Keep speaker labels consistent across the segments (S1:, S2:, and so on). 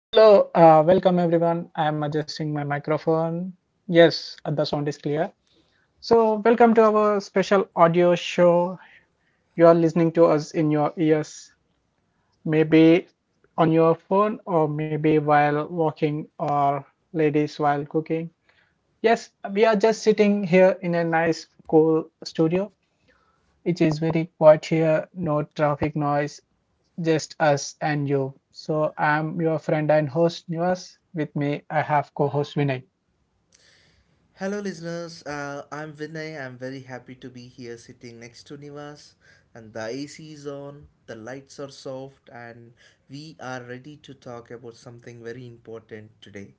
S1: Hello, welcome everyone. I am adjusting my microphone. Yes, the sound is clear. So, welcome to our special audio show. You are listening to us in your ears, maybe on your phone, or maybe while walking, or ladies while cooking. Yes, we are just sitting here in a nice, cool studio. It is very quiet here, no traffic noise, just us and you. So, I'm your friend and host, Nivas. With me, I have co host Vinay.
S2: Hello, listeners. I'm Vinay. I'm very happy to be here sitting next to Nivas. And the AC is on, the lights are soft, and we are ready to talk about something very important today.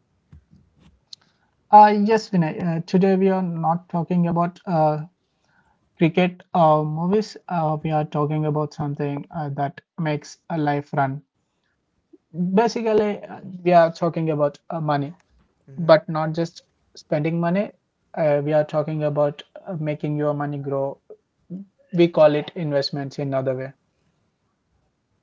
S1: Yes, Vinay. Today we are not talking about cricket or movies. We are talking about something that makes a life run.
S2: Mm-hmm.
S1: Basically, we are talking about money, but not just spending money. We are talking about making your money grow. We call it investments in other way.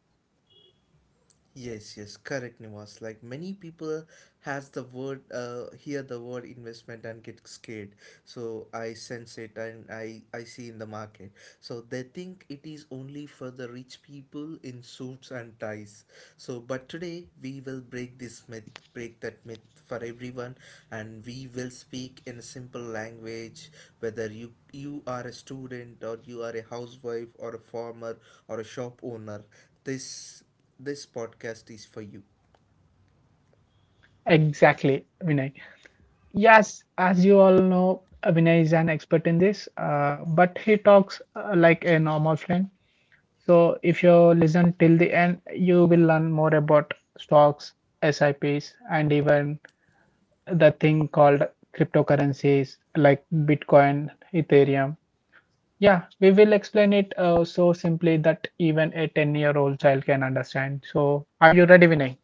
S2: Yes, yes, correct, Nivas. Like many people has the word hear the word investment and get scared, so I sense it and I see in the market, so they think it is only for the rich people in suits and ties. So but today we will break that myth for everyone, and we will speak in a simple language, whether you are a student or you are a housewife or a farmer or a shop owner. this this podcast is for you.
S1: Exactly, Vinay. Yes, as you all know, Vinay is an expert in this, but he talks like a normal friend. So if you listen till the end, you will learn more about stocks, SIPs, and even the thing called cryptocurrencies like Bitcoin, Ethereum. Yeah, we will explain it so simply that even a 10-year-old child can understand. So are you ready, Vinay?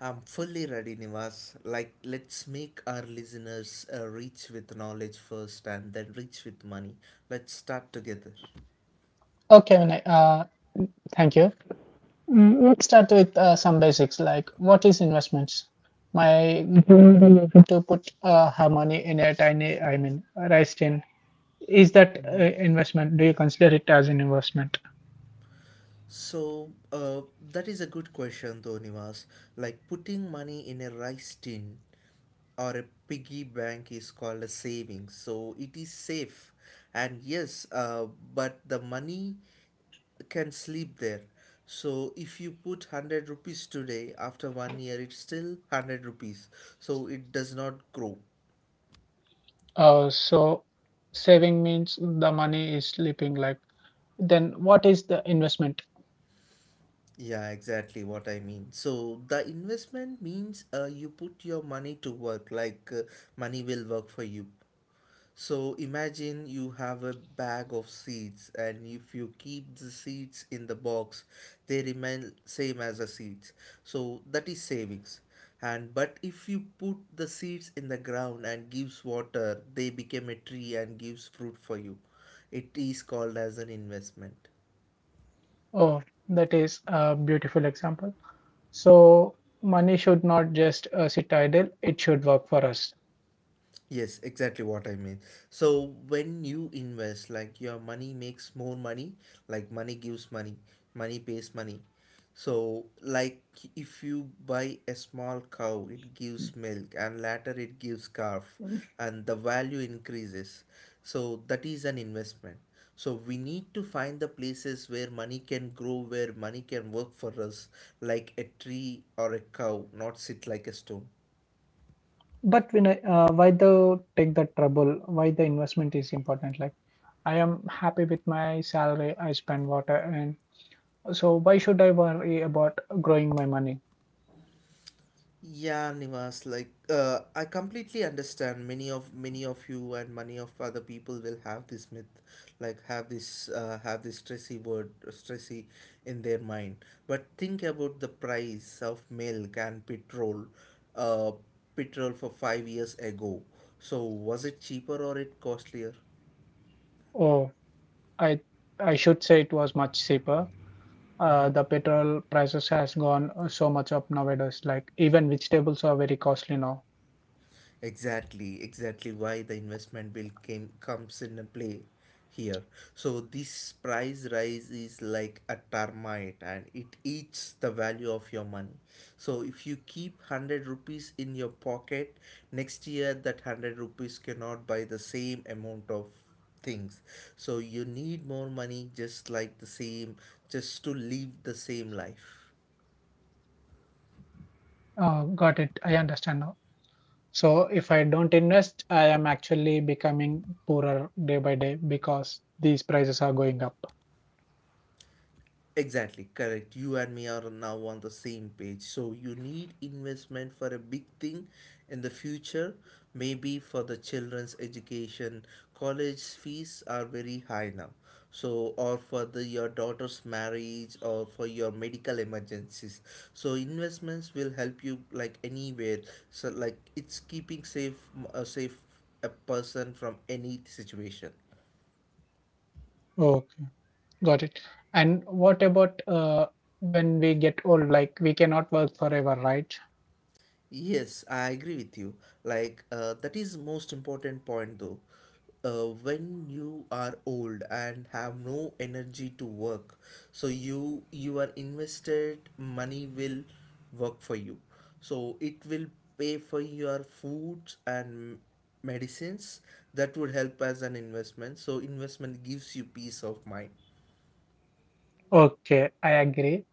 S2: I'm fully ready, Nivas. Like, let's make our listeners rich with knowledge first and then rich with money. Let's start together.
S1: Okay, Vinay, thank you. Let's start with some basics like what is investments? My goal will be to put her money in a tiny, I mean, rice tin. Is that
S2: Mm-hmm.
S1: investment? Do you consider it as an investment?
S2: So, that is a good question, though, Nivas. Like, putting money in a rice tin or a piggy bank is called a savings, so it is safe and yes, but the money can sleep there. So if you put 100 rupees today, after 1 year, it's still 100 rupees. So it does not grow.
S1: So saving means the money is sleeping. Like then, what is the investment?
S2: Yeah, exactly what I mean. So the investment means you put your money to work, like money will work for you. So imagine you have a bag of seeds, and if you keep the seeds in the box, they remain same as the seeds. So that is savings. And but if you put the seeds in the ground and gives water, they become a tree and gives fruit for you. It is called as an investment.
S1: Oh, that is a beautiful example. So money should not just sit idle. It should work for us.
S2: Yes, exactly what I mean. So when you invest, like your money makes more money, like money gives money, money pays money. So like if you buy a small cow, it gives milk and later it gives calf and the value increases. So that is an investment. So we need to find the places where money can grow, where money can work for us, like a tree or a cow, not sit like a stone.
S1: Why the take the trouble? Why the investment is important? Like I am happy with my salary. I spend water and so why should I worry about growing my money?
S2: Yeah, Nivas, like I completely understand many of you and many of other people will have this myth, like have this stressy word stressy in their mind. But think about the price of milk and petrol, uh, for 5 years ago. So was it cheaper or it costlier?
S1: Oh, I I should say it was much cheaper. Uh,
S2: Mm-hmm.
S1: the petrol prices has gone so much up nowadays. Like even vegetables are very costly now.
S2: Exactly, exactly why the investment bill came comes in play here. So this price rise is like a termite and it eats the value of your money. So if you keep 100 rupees in your pocket, next year that 100 rupees cannot buy the same amount of things. So you need more money just to live the same life.
S1: Got it. I understand now. So if I don't invest, I am actually becoming poorer day by day because these prices are going up.
S2: Exactly, correct. You and me are now on the same page. So you need investment for a big thing in the future, maybe for the children's education. College fees are very high now. So or for the your daughter's marriage or for your medical emergencies. So investments will help you like anywhere. So like it's keeping safe a safe a person from any situation.
S1: Okay, got it. And what about when we get old? Like we cannot work forever, right?
S2: Yes, I agree with you. Like that is most important point though. When you are old and have no energy to work, so you are invested money will work for you. So it will pay for your foods and medicines that would help as an investment. So investment gives you peace of mind.
S1: Okay, I agree.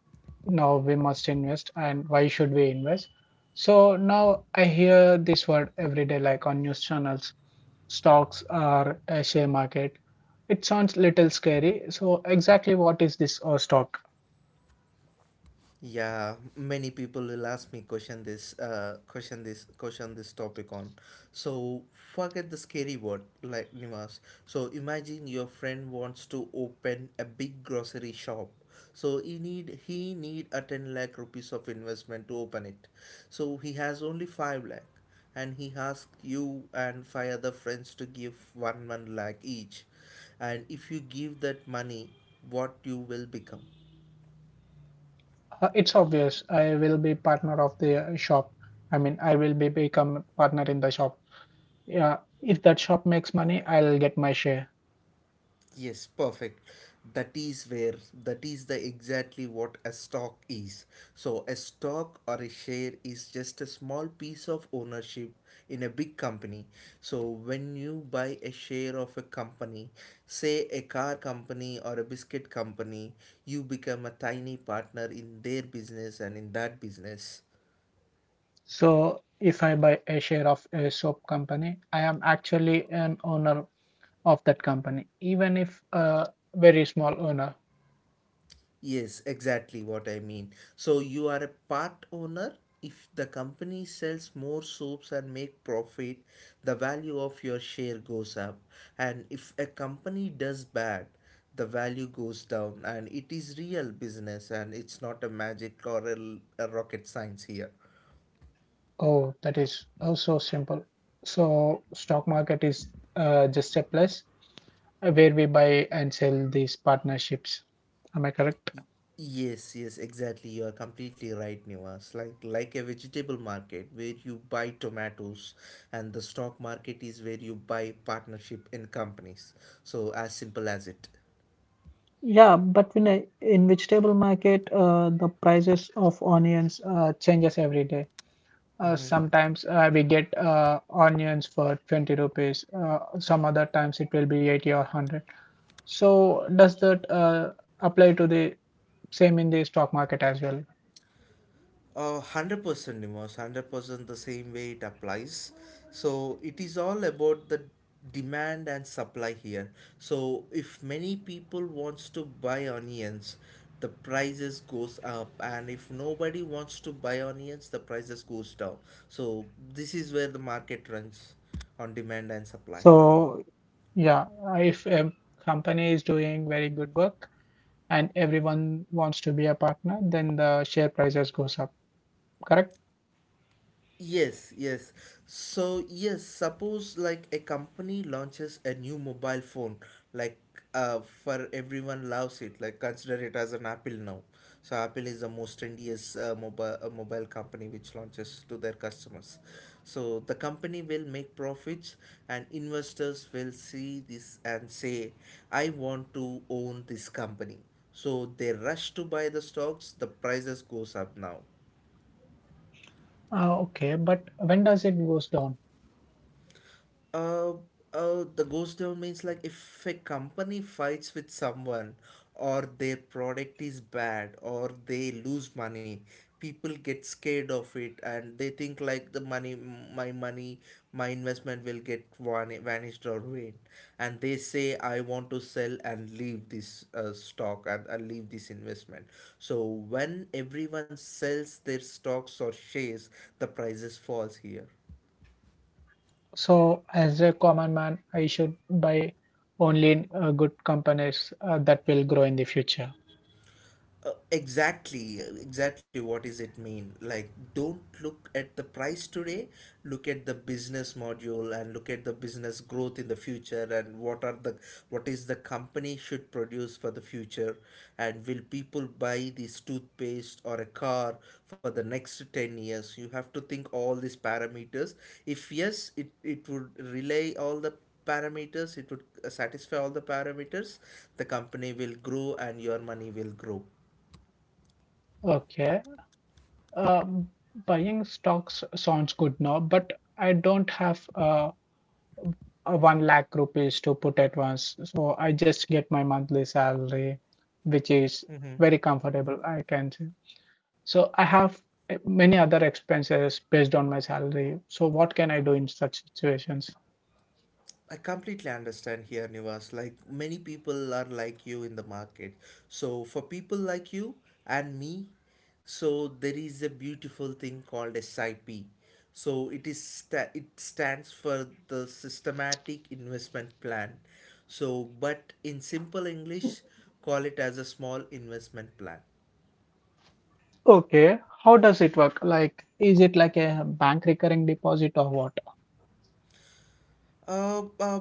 S1: Now we must invest, and why should we invest? So now I hear this word every day, like on news channels, stocks or a share market. It sounds little scary. So exactly what is this stock?
S2: Yeah, many people will ask me question this topic on. So forget the scary word like Nimas. So imagine your friend wants to open a big grocery shop. So he need a 10 lakh rupees of investment to open it. So he has only 5 lakh, and he asked you and five other friends to give 1 lakh each. And if you give that money, what you will become?
S1: It's obvious. I will be partner of the shop. I mean, I will be become partner in the shop. Yeah, if that shop makes money, I'll get my share.
S2: Yes, perfect. That is where that is the exactly what a stock is. So a stock or a share is just a small piece of ownership in a big company. So when you buy a share of a company, say a car company or a biscuit company, you become a tiny partner in that business.
S1: So if I buy a share of a soap company, I am actually an owner of that company, even if a very small owner.
S2: Yes, exactly what I mean. So you are a part owner. If the company sells more soaps and make profit, the value of your share goes up. And if a company does bad, the value goes down. And it is real business and it's not a magic or a rocket science here.
S1: Oh, that is also simple. So stock market is just a place where we buy and sell these partnerships. Am I correct?
S2: Yes, yes, exactly. You are completely right, Nivas. Like a vegetable market where you buy tomatoes and the stock market is where you buy partnership in companies. So as simple as it.
S1: Yeah, but in vegetable market, the prices of onions changes every day. Sometimes we get onions for 20 rupees. Some other times it will be 80 or 100. So does that apply to the same in the stock market as well?
S2: 100% Nemos, 100% the same way it applies. So it is all about the demand and supply here. So if many people wants to buy onions, the prices goes up, and if nobody wants to buy onions, the prices goes down. So this is where the market runs on demand and supply.
S1: So yeah, if a company is doing very good work and everyone wants to be a partner, then the share prices goes up. Correct?
S2: Yes, yes. So, yes, suppose like a company launches a new mobile phone, like for everyone loves it, like consider it as an Apple now. So, Apple is the most trendiest mobile company which launches to their customers. So, the company will make profits and investors will see this and say, I want to own this company. So, they rush to buy the stocks, the prices goes up now.
S1: Okay, but when does it goes down?
S2: Uh, the ghost town means like if a company fights with someone or their product is bad or they lose money, people get scared of it and they think like my money, my investment will get vanished or vain. And they say, I want to sell and leave this stock and leave this investment. So when everyone sells their stocks or shares, the prices falls here.
S1: So as a common man, I should buy only in good companies that will grow in the future.
S2: Exactly, exactly. What does it mean? Like, don't look at the price today, look at the business module and look at the business growth in the future, and what is the company should produce for the future, and will people buy this toothpaste or a car for the next 10 years. You have to think all these parameters. If yes, it would relay all the parameters it would satisfy all the parameters, the company will grow and your money will grow.
S1: Okay, um, buying stocks sounds good now, but I don't have 1 lakh rupees to put at once. So I just get my monthly salary, which is
S2: Mm-hmm.
S1: very comfortable, I can say. So I have many other expenses based on my salary. So what can I do in such situations?
S2: I completely understand here, Nivas. Like many people are like you in the market. So for people like you and me, so there is a beautiful thing called SIP. So it it stands for the systematic investment plan. So but in simple English, call it as a small investment plan.
S1: Okay, how does it work? Like, is it like a bank recurring deposit or what?
S2: Uh, uh,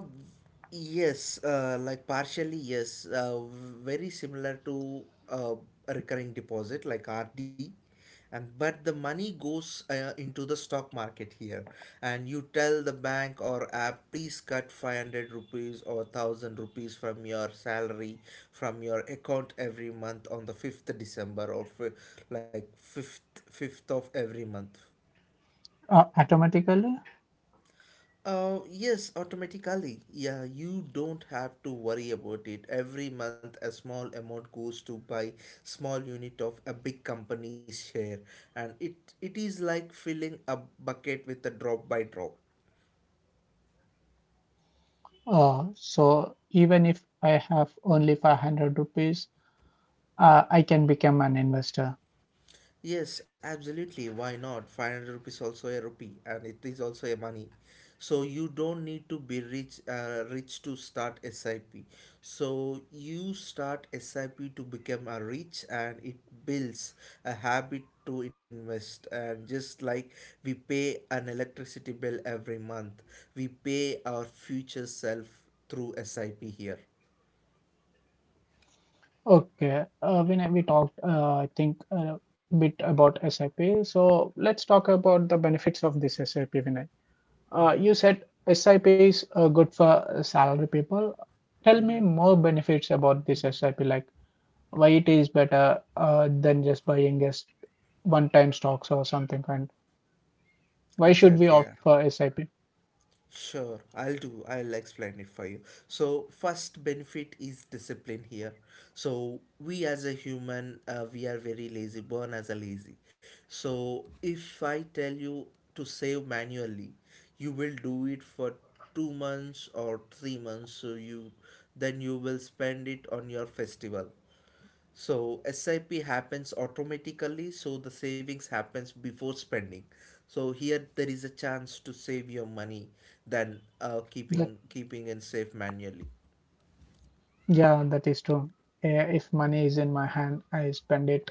S2: yes, like partially, yes. Very similar to a recurring deposit like RD. And, but the money goes into the stock market here, and you tell the bank or app, please cut 500 rupees or 1,000 rupees from your salary from your account every month on the 5th december like 5th of every month.
S1: Automatically?
S2: Yes, automatically. Yeah, you don't have to worry about it. Every month, a small amount goes to buy small unit of a big company's share, and it is like filling a bucket with a drop by drop.
S1: So even if I have only 500 rupees, I can become an investor.
S2: Yes, absolutely. Why not? 500 rupees also a rupee and it is also a money. So you don't need to be rich to start SIP. So you start SIP to become a rich, and it builds a habit to invest, and just like we pay an electricity bill every month, we pay our future self through SIP here.
S1: Okay, when we talked, I think a bit about SIP. So let's talk about the benefits of this SIP, Vinay. Uh,
S2: Mm-hmm.
S1: you said SIP is good for salary people. Tell me
S2: Mm-hmm.
S1: more benefits about this SIP, like why it is better than just buying just one-time stocks or something, and why should we
S2: Exactly.
S1: opt
S2: Yeah.
S1: for SIP?
S2: Sure, I'll do. I'll explain it for you. So, first benefit is discipline here. So, we as a human, we are very lazy, born as a lazy. So, if I tell you to save manually, you will do it for 2 months or 3 months. So, you then you will spend it on your festival. So SIP happens automatically, so the savings happens before spending. So here there is a chance to save your money than
S1: That,
S2: keeping and save manually.
S1: yeah, that is true. If money is in my hand, I spend it.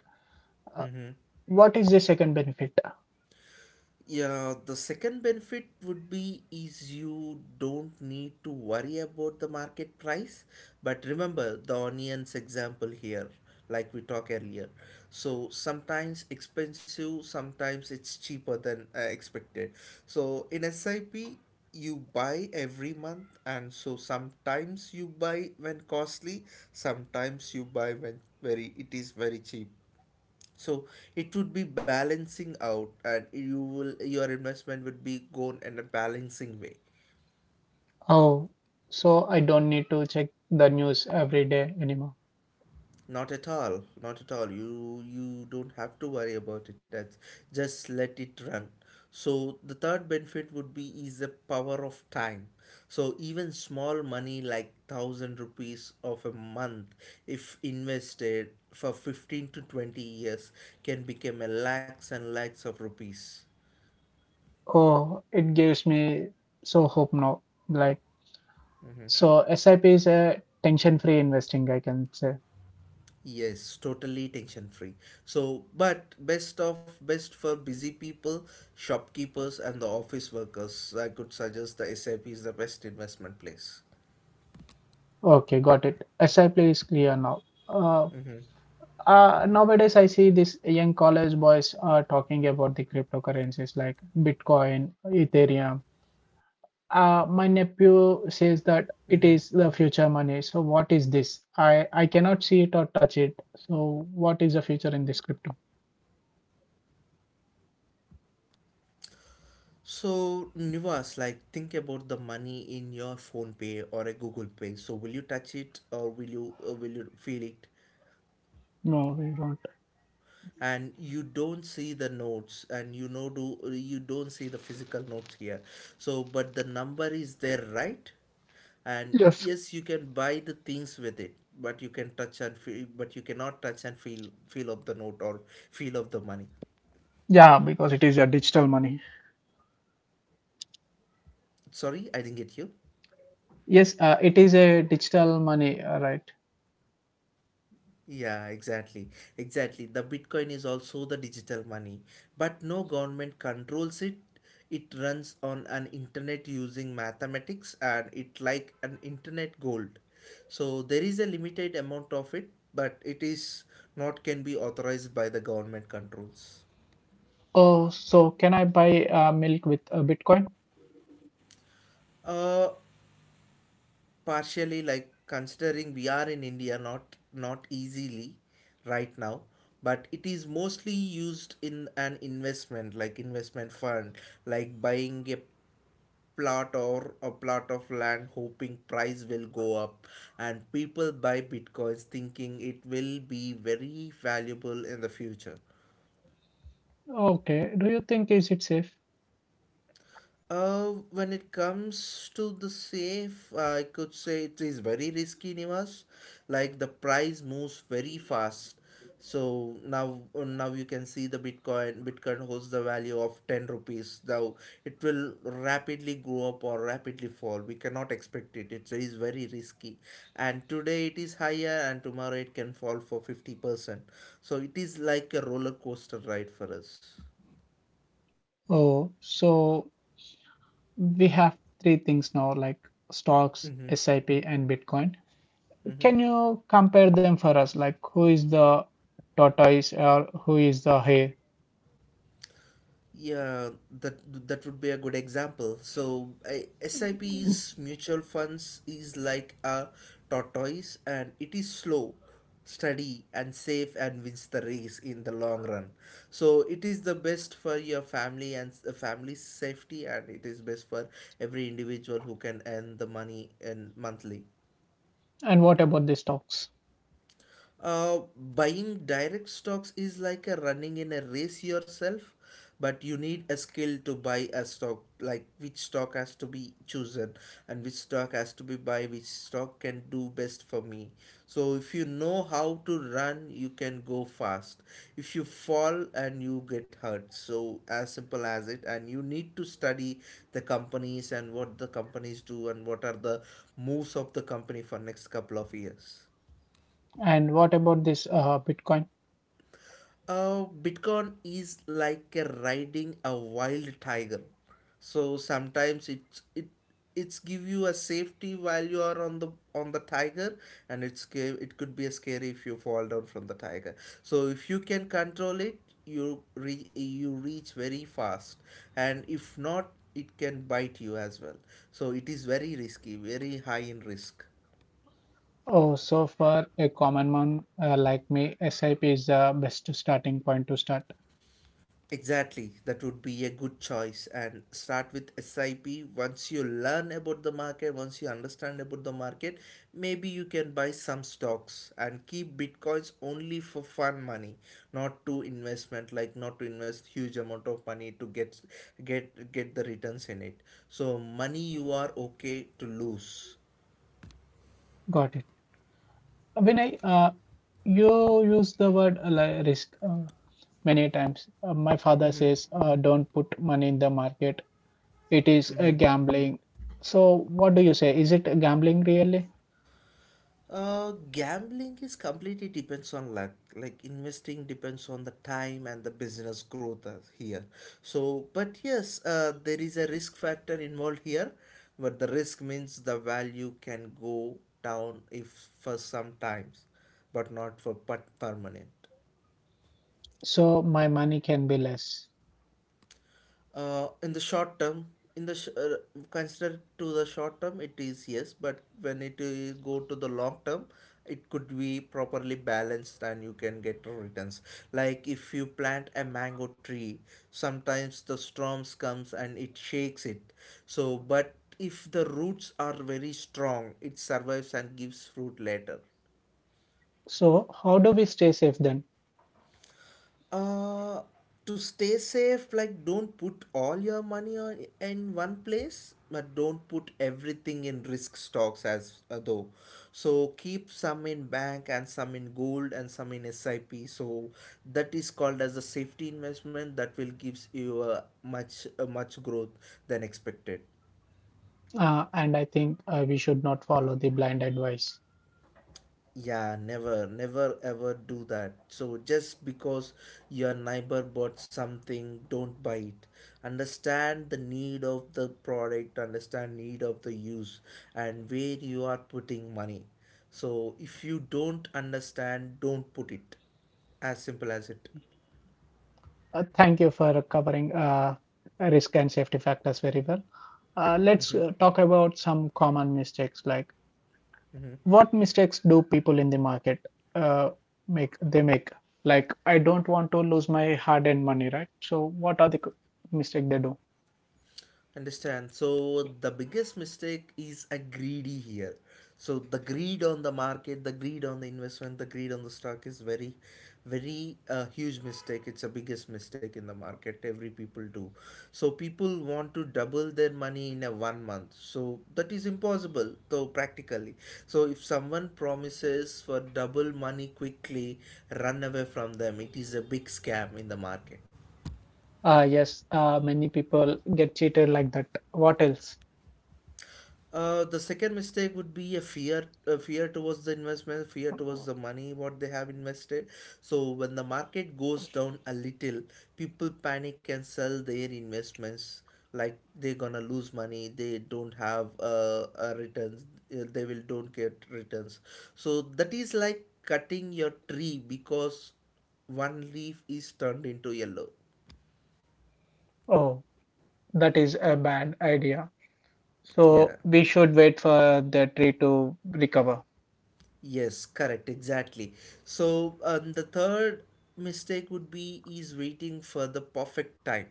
S1: Uh, what is the second benefit?
S2: Yeah, the second benefit would be is you don't need to worry about the market price. But remember the onions example here, like we talked earlier. So sometimes expensive, sometimes it's cheaper than expected. So in SIP, you buy every month, and so sometimes you buy when costly, sometimes you buy when very cheap, so it would be balancing out and your investment would be gone in a balancing way.
S1: Oh, so I don't need to check the news every day anymore.
S2: Not at all, not at all. You don't have to worry about it. That's, just let it run. So the third benefit would be is the power of time. So even small money like 1,000 rupees of a month, if invested for 15 to 20 years, can become a lakhs and lakhs of rupees.
S1: Oh, it gives me so hope now. Like, so SIP is a tension-free investing, I can say.
S2: Yes, totally tension free. So, but best of best for busy people, shopkeepers, and the office workers. I could suggest the SIP is the best investment place.
S1: Okay, got it. SIP is clear now. Uh,
S2: Mm-hmm.
S1: uh, nowadays, I see these young college boys are talking about the cryptocurrencies like Bitcoin, Ethereum. My nephew says that
S2: Mm-hmm.
S1: it is the future money. So what is this? I cannot see it or touch it. So what is the future in this crypto?
S2: So, Nivas, like think about the money in your phone pay or a Google Pay. So, will you touch it or will you feel it?
S1: No, we don't.
S2: And you don't see the notes and you know do you don't see the physical notes here, so but the number is there, right? And
S1: Yes.
S2: yes, you can buy the things with it, but you can touch and feel, but you cannot touch and feel of the note or feel of the money.
S1: Yeah, because it is a digital money.
S2: Sorry, I didn't get you.
S1: Yes, it is a digital money, right?
S2: Yeah, exactly. Exactly. The Bitcoin is also the digital money, but no government controls it. It runs on an internet using mathematics and it like an internet gold. So there is a limited amount of it, but it is not can be authorized by the government controls.
S1: Oh, so can I buy milk with Bitcoin?
S2: Uh, Partially, like considering we are in India, not easily right now, but it is mostly used in an investment like investment fund, like buying a plot or a plot of land hoping price will go up, and people buy bitcoins thinking it will be very valuable in the future.
S1: Okay. Do you think is it safe?
S2: When it comes to the safe, I could say it is very risky, Nivas. Like the price moves very fast. So now, now you can see the Bitcoin. Bitcoin holds the value of ten rupees. Now it will rapidly go up or rapidly fall. We cannot expect it. It is very risky, and today it is higher, and tomorrow it can fall for 50%. So it is like a roller coaster ride for us.
S1: Oh, so we have three things now like stocks,
S2: Mm-hmm.
S1: SIP, and Bitcoin.
S2: Mm-hmm.
S1: Can you compare them for us? Like, who is the tortoise or who is the hare?
S2: Yeah, that would be a good example. So, I, SIP's mutual funds is like a tortoise and it is slow, steady and safe and wins the race in the long run. So, it is the best for your family and the family's safety and it is best for every individual who can earn the money and monthly.
S1: And what about the stocks?
S2: Buying direct stocks is like a running in a race yourself, but you need a skill to buy a stock, like which stock has to be chosen and which stock has to be buy, which stock can do best for me. So if you know how to run, you can go fast. If you fall and you get hurt, so as simple as it. And you need to study the companies and what the companies do and what are the moves of the company for next couple of years.
S1: And what about this Bitcoin?
S2: Bitcoin is like a riding a wild tiger. So sometimes it's it it's give you a safety while you are on the tiger, and it's it could be a scary if you fall down from the tiger. So if you can control it, you reach very fast, and if not, it can bite you as well. So it is very risky, very high in risk.
S1: Oh, so for a common man like me, SIP is the best starting point to start.
S2: Exactly, that would be a good choice. And start with SIP. Once you learn about the market, once you understand about the market, maybe you can buy some stocks and keep bitcoins only for fun money, not to investment, like not to invest huge amount of money to get the returns in it. So money you are okay to lose.
S1: Got it. Vinay, you use the word risk many times. My father
S2: Mm-hmm.
S1: says, don't put money in the market. It is a gambling. So, what do you say? Is it gambling really?
S2: Gambling is completely depends on luck. Like investing depends on the time and the business growth as here. So, but yes, there is a risk factor involved here, but the risk means the value can go down if for some times, but not for permanent.
S1: So my money can be less.
S2: In the short term, in the considered to the short term, it is yes, but when it go to the long term, it could be properly balanced and you can get no returns. Like if you plant a mango tree, sometimes the storms comes and it shakes it. So, but if the roots are very strong, it survives and gives fruit later.
S1: So, how do we stay safe then?
S2: Uh, to stay safe, like don't put all your money on, in one place, but don't put everything in risk stocks as though. So keep some in bank and some in gold and some in SIP. So that is called as a safety investment that will gives you a much growth than expected.
S1: And I think we should not follow the blind advice.
S2: Yeah, never, never ever do that. So just because your neighbor bought something, don't buy it. Understand the need of the product, understand need of the use and where you are putting money. So if you don't understand, don't put it. As simple as it.
S1: Thank you for covering risk and safety factors very well. Let's talk about some common mistakes, like what mistakes do people in the market uh, make they make like I don't want to lose my hard-earned money, right? So what are the mistake they do?
S2: Understand. So the biggest mistake is a greedy here. So the greed on the market, the greed on the investment, the greed on the stock is very, very huge mistake. It's a biggest mistake in the market. Every people do. So people want to double their money in a 1 month. So that is impossible though practically. So if someone promises for double money quickly, run away from them. It is a big scam in the market.
S1: Yes, many people get cheated like that. What else?
S2: The second mistake would be a fear towards the investment, fear towards the money what they have invested. So when the market goes down a little, people panic and sell their investments like they're gonna lose money. They don't have returns. They will don't get returns. So that is like cutting your tree because one leaf is turned into yellow.
S1: Oh, that is a bad idea. So
S2: Yeah.
S1: we should wait for the tree to recover.
S2: Yes, correct, exactly. So, the third mistake would be is waiting for the perfect time.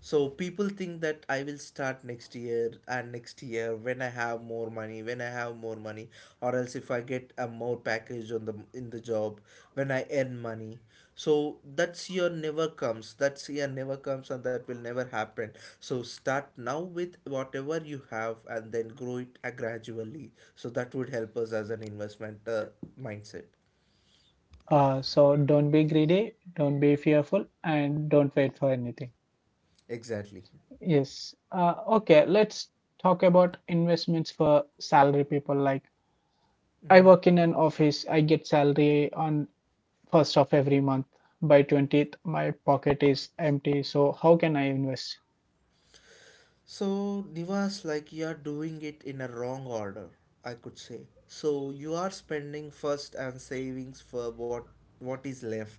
S2: So people think that I will start next year and next year when I have more money, or else if I get a more package on the in the job, when I earn money. So that's year never comes. That's year never comes and that will never happen. So start now with whatever you have and then grow it gradually. So that would help us as an investment mindset.
S1: So don't be greedy, don't be fearful, and don't wait for anything.
S2: Exactly.
S1: Yes. Okay, let's talk about investments for salary people. Like I
S2: Mhm.
S1: work in an office, I get salary on first of every month. By 20th, my pocket is empty. So how can I invest?
S2: So, Nivas, like you are doing it in a wrong order, I could say. So you are spending first and savings for what is left,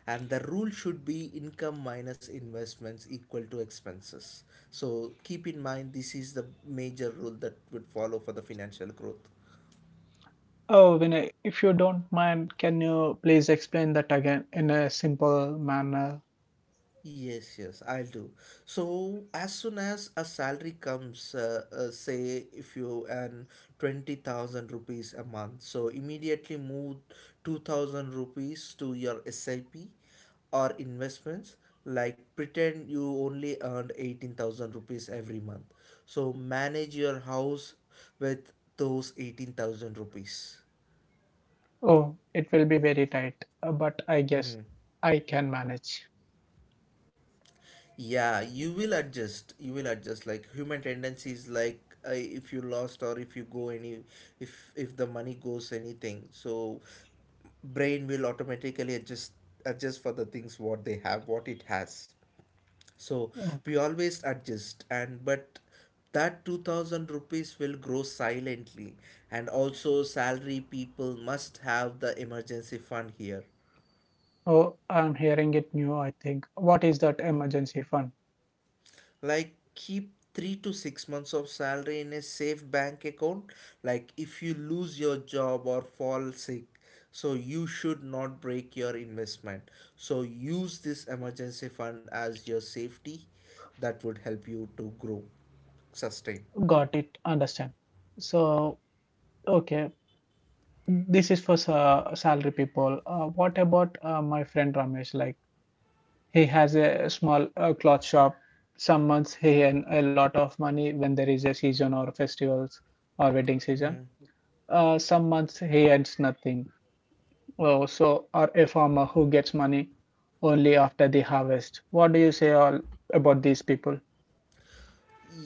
S2: and the rule should be income minus investments equal to expenses. So keep in mind this is the major rule that would follow for the financial growth.
S1: Oh, Vinay, if you don't mind, can you please explain that again in a simple manner?
S2: Yes, yes, I'll do. So as soon as a salary comes, say if you earn 20,000 rupees a month, so immediately move 2,000 rupees to your SIP or investments. Like pretend you only earned 18,000 rupees every month. So manage your house with those 18,000 rupees.
S1: Oh, it will be very tight, but I guess
S2: Mm-hmm.
S1: I can manage.
S2: Yeah, you will adjust. You will adjust. Like human tendencies, like if you lost or if you go any, if the money goes anything, so brain will automatically adjust for the things what they have, what it has. So
S1: Okay.
S2: we always adjust, and but that 2,000 rupees will grow silently, and also salary people must have the emergency fund here,
S1: Oh, I'm hearing it new, I think. What is that emergency fund?
S2: like keep 3 to 6 months of salary in a safe bank account, like if you lose your job or fall sick, so you should not break your investment, so use this emergency fund as your safety. That would help you to grow, sustain.
S1: Got it, understand. So, okay, this is for salary people. What about my friend Ramesh? Like, he has a small cloth shop. Some months he earn a lot of money when there is a season or festivals or wedding season.
S2: Mhm.
S1: Some months he earns nothing. Oh, so or a farmer who gets money only after the harvest. What do you say all about these people?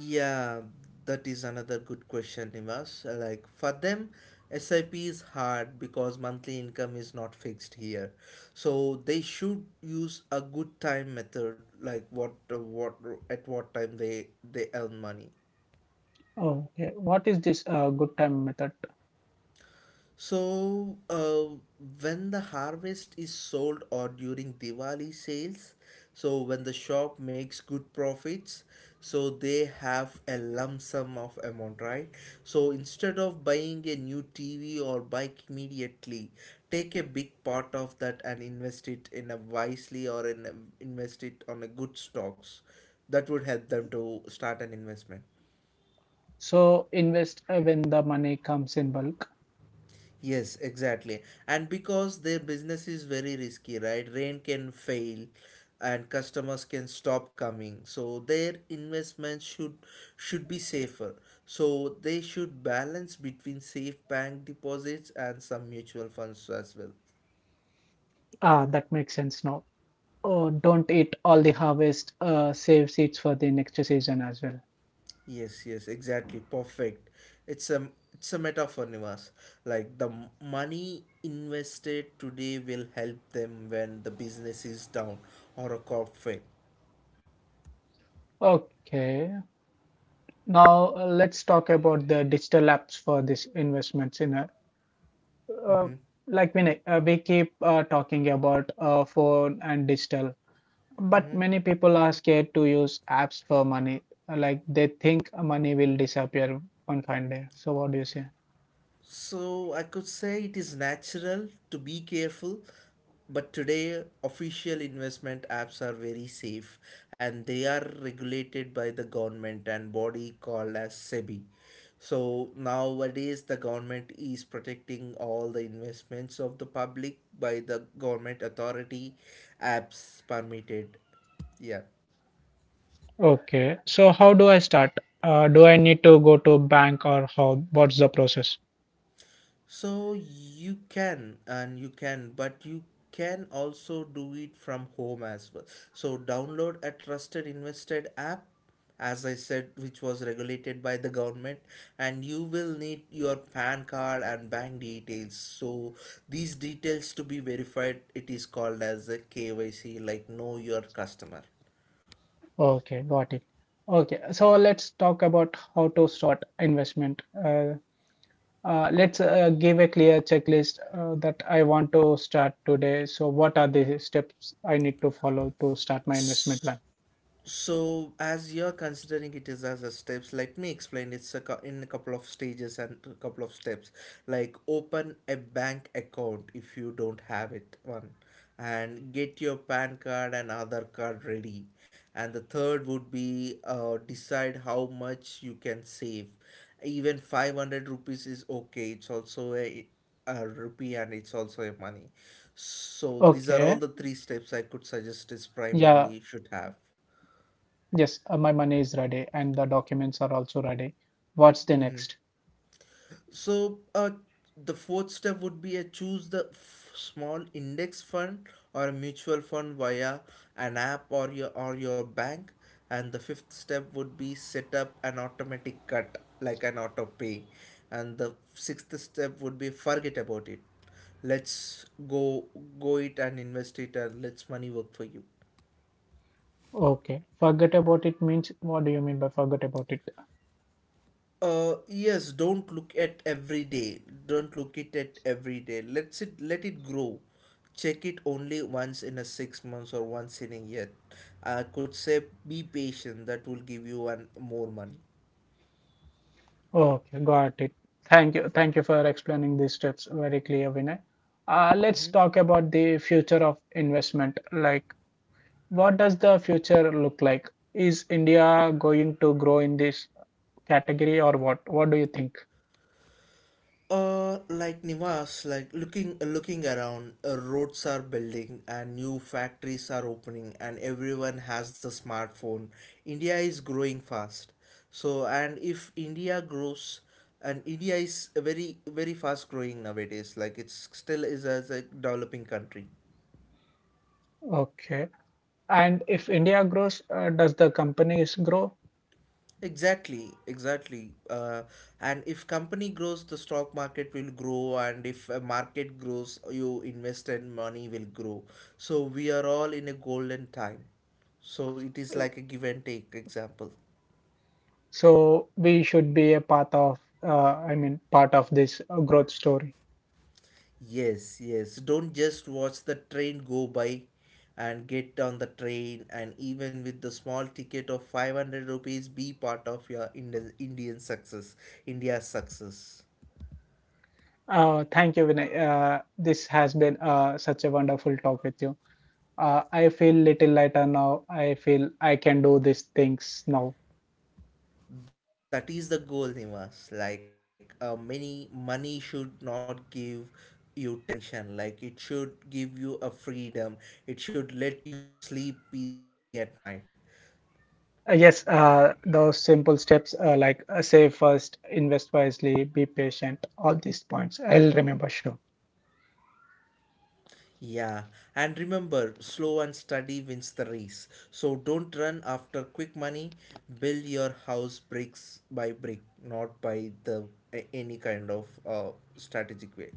S2: Yeah, that is another good question, Nimas. Like for them, SIP is hard because monthly income is not fixed here. So they should use a good time method, like what at what time they earn money.
S1: Okay, what is this good time method?
S2: So, when the harvest is sold or during Diwali sales, so when the shop makes good profits, so they have a lump sum of amount, right? So instead of buying a new TV or bike immediately, take a big part of that and invest it in a wisely or invest it on a good stocks. That would help them to start an investment.
S1: So invest when the money comes in bulk.
S2: Yes, exactly. And because their business is very risky, right? Rain can fail and customers can stop coming. So their investments should be safer. So they should balance between safe bank deposits and some mutual funds as well.
S1: Ah, that makes sense now. Oh, don't eat all the harvest. Save seeds for the next season as well.
S2: Yes, yes, exactly. Perfect. It's a metaphor, Nivas. Like the money invested today will help them when the business is down or a crop fail.
S1: Okay, now let's talk about the digital apps for these investments in a. Uh,
S2: Mm-hmm.
S1: like Vinay, we keep talking about phone and digital. But many people are scared to use apps for money. Like they think money will disappear one fine day. So what do you say?
S2: So I could say it is natural to be careful, but today official investment apps are very safe and they are regulated by the government and body called as SEBI. So nowadays the government is protecting all the investments of the public by the government authority apps permitted. Yeah.
S1: Okay, so how do I start? Do I need to go to bank or how? What's the process?
S2: So you can and you can, but you can also do it from home as well. So download a trusted invested app, as I said, which was regulated by the government, and you will need your PAN card and bank details. So these details to be verified, it is called as a KYC, like know your customer.
S1: Okay, got it. Okay, so let's talk about how to start investment. Let's give a clear checklist that I want to start today. So, what are the steps I need to follow to start my investment plan?
S2: So, as you're considering it is as a steps, let me explain. It's a in a couple of stages and a couple of steps. Like open a bank account if you don't have it one, and get your PAN card and other card ready. And the third would be decide how much you can save. Even 500 rupees is okay. It's also a rupee and it's also a money. So these are all
S1: Okay,
S2: the three steps I could suggest is
S1: yeah.
S2: primarily should have.
S1: Yes, my money is ready and the documents are also ready. What's the next?
S2: So, the fourth step would be a choose the small index fund or a mutual fund via an app or your bank. And the fifth step would be set up an automatic cut like an auto pay. And the sixth step would be forget about it. Let's go it and invest it and let's money work for you.
S1: Okay, forget about it means what do you mean by forget about it?
S2: Yes, don't look at every day. Don't look it at every day. Let's it let it grow. Check it only once in a 6 months or once in a year. I could say be patient. That will give you one more money.
S1: Okay, got it. Thank you. Thank you for explaining these steps very clear, Vinay. Let's
S2: Mm-hmm.
S1: talk about the future of investment. Like, what does the future look like? Is India going to grow in this category or what? What do you think?
S2: Like Nivas, like looking around, roads are building and new factories are opening, and everyone has the smartphone. India is growing fast. So, and if India grows, and India is a very fast growing nowadays, like it's still is as a developing country.
S1: Okay. And if India grows, does the companies grow?
S2: Exactly, exactly. And if company grows, the stock market will grow, and if a market grows, you invest and money will grow. So we are all in a golden time. So it is like a give and take example.
S1: So we should be a part of, I mean, part of this growth story.
S2: Yes, yes. Don't just watch the train go by and get on the train, and even with the small ticket of 500 rupees be part of your Indian success, India's success.
S1: Thank you, Vinay. This has been such a wonderful talk with you. I feel little lighter now. I feel I can do these things now.
S2: That is the goal, Nimas. Like, many money should not give you tension. Like, it should give you a freedom. It should let you sleep peacefully at night.
S1: Yes, those simple steps like save first, invest wisely, be patient. All these points I'll remember. Sure.
S2: Yeah, and remember, slow and steady wins the race. So don't run after quick money. Build your house bricks by brick, not by the any kind of strategic way.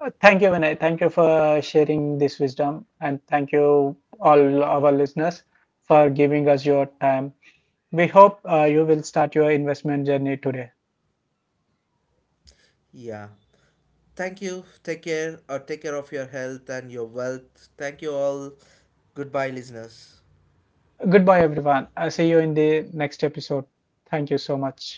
S1: Thank you, Vinay. Thank you for sharing this wisdom, and thank you all our listeners for giving us your time. We hope you will start your investment journey today.
S2: Yeah, thank you. Take care or take care of your health and your wealth. Thank you all. Goodbye, listeners.
S1: Goodbye, everyone. I'll see you in the next episode. Thank you so much.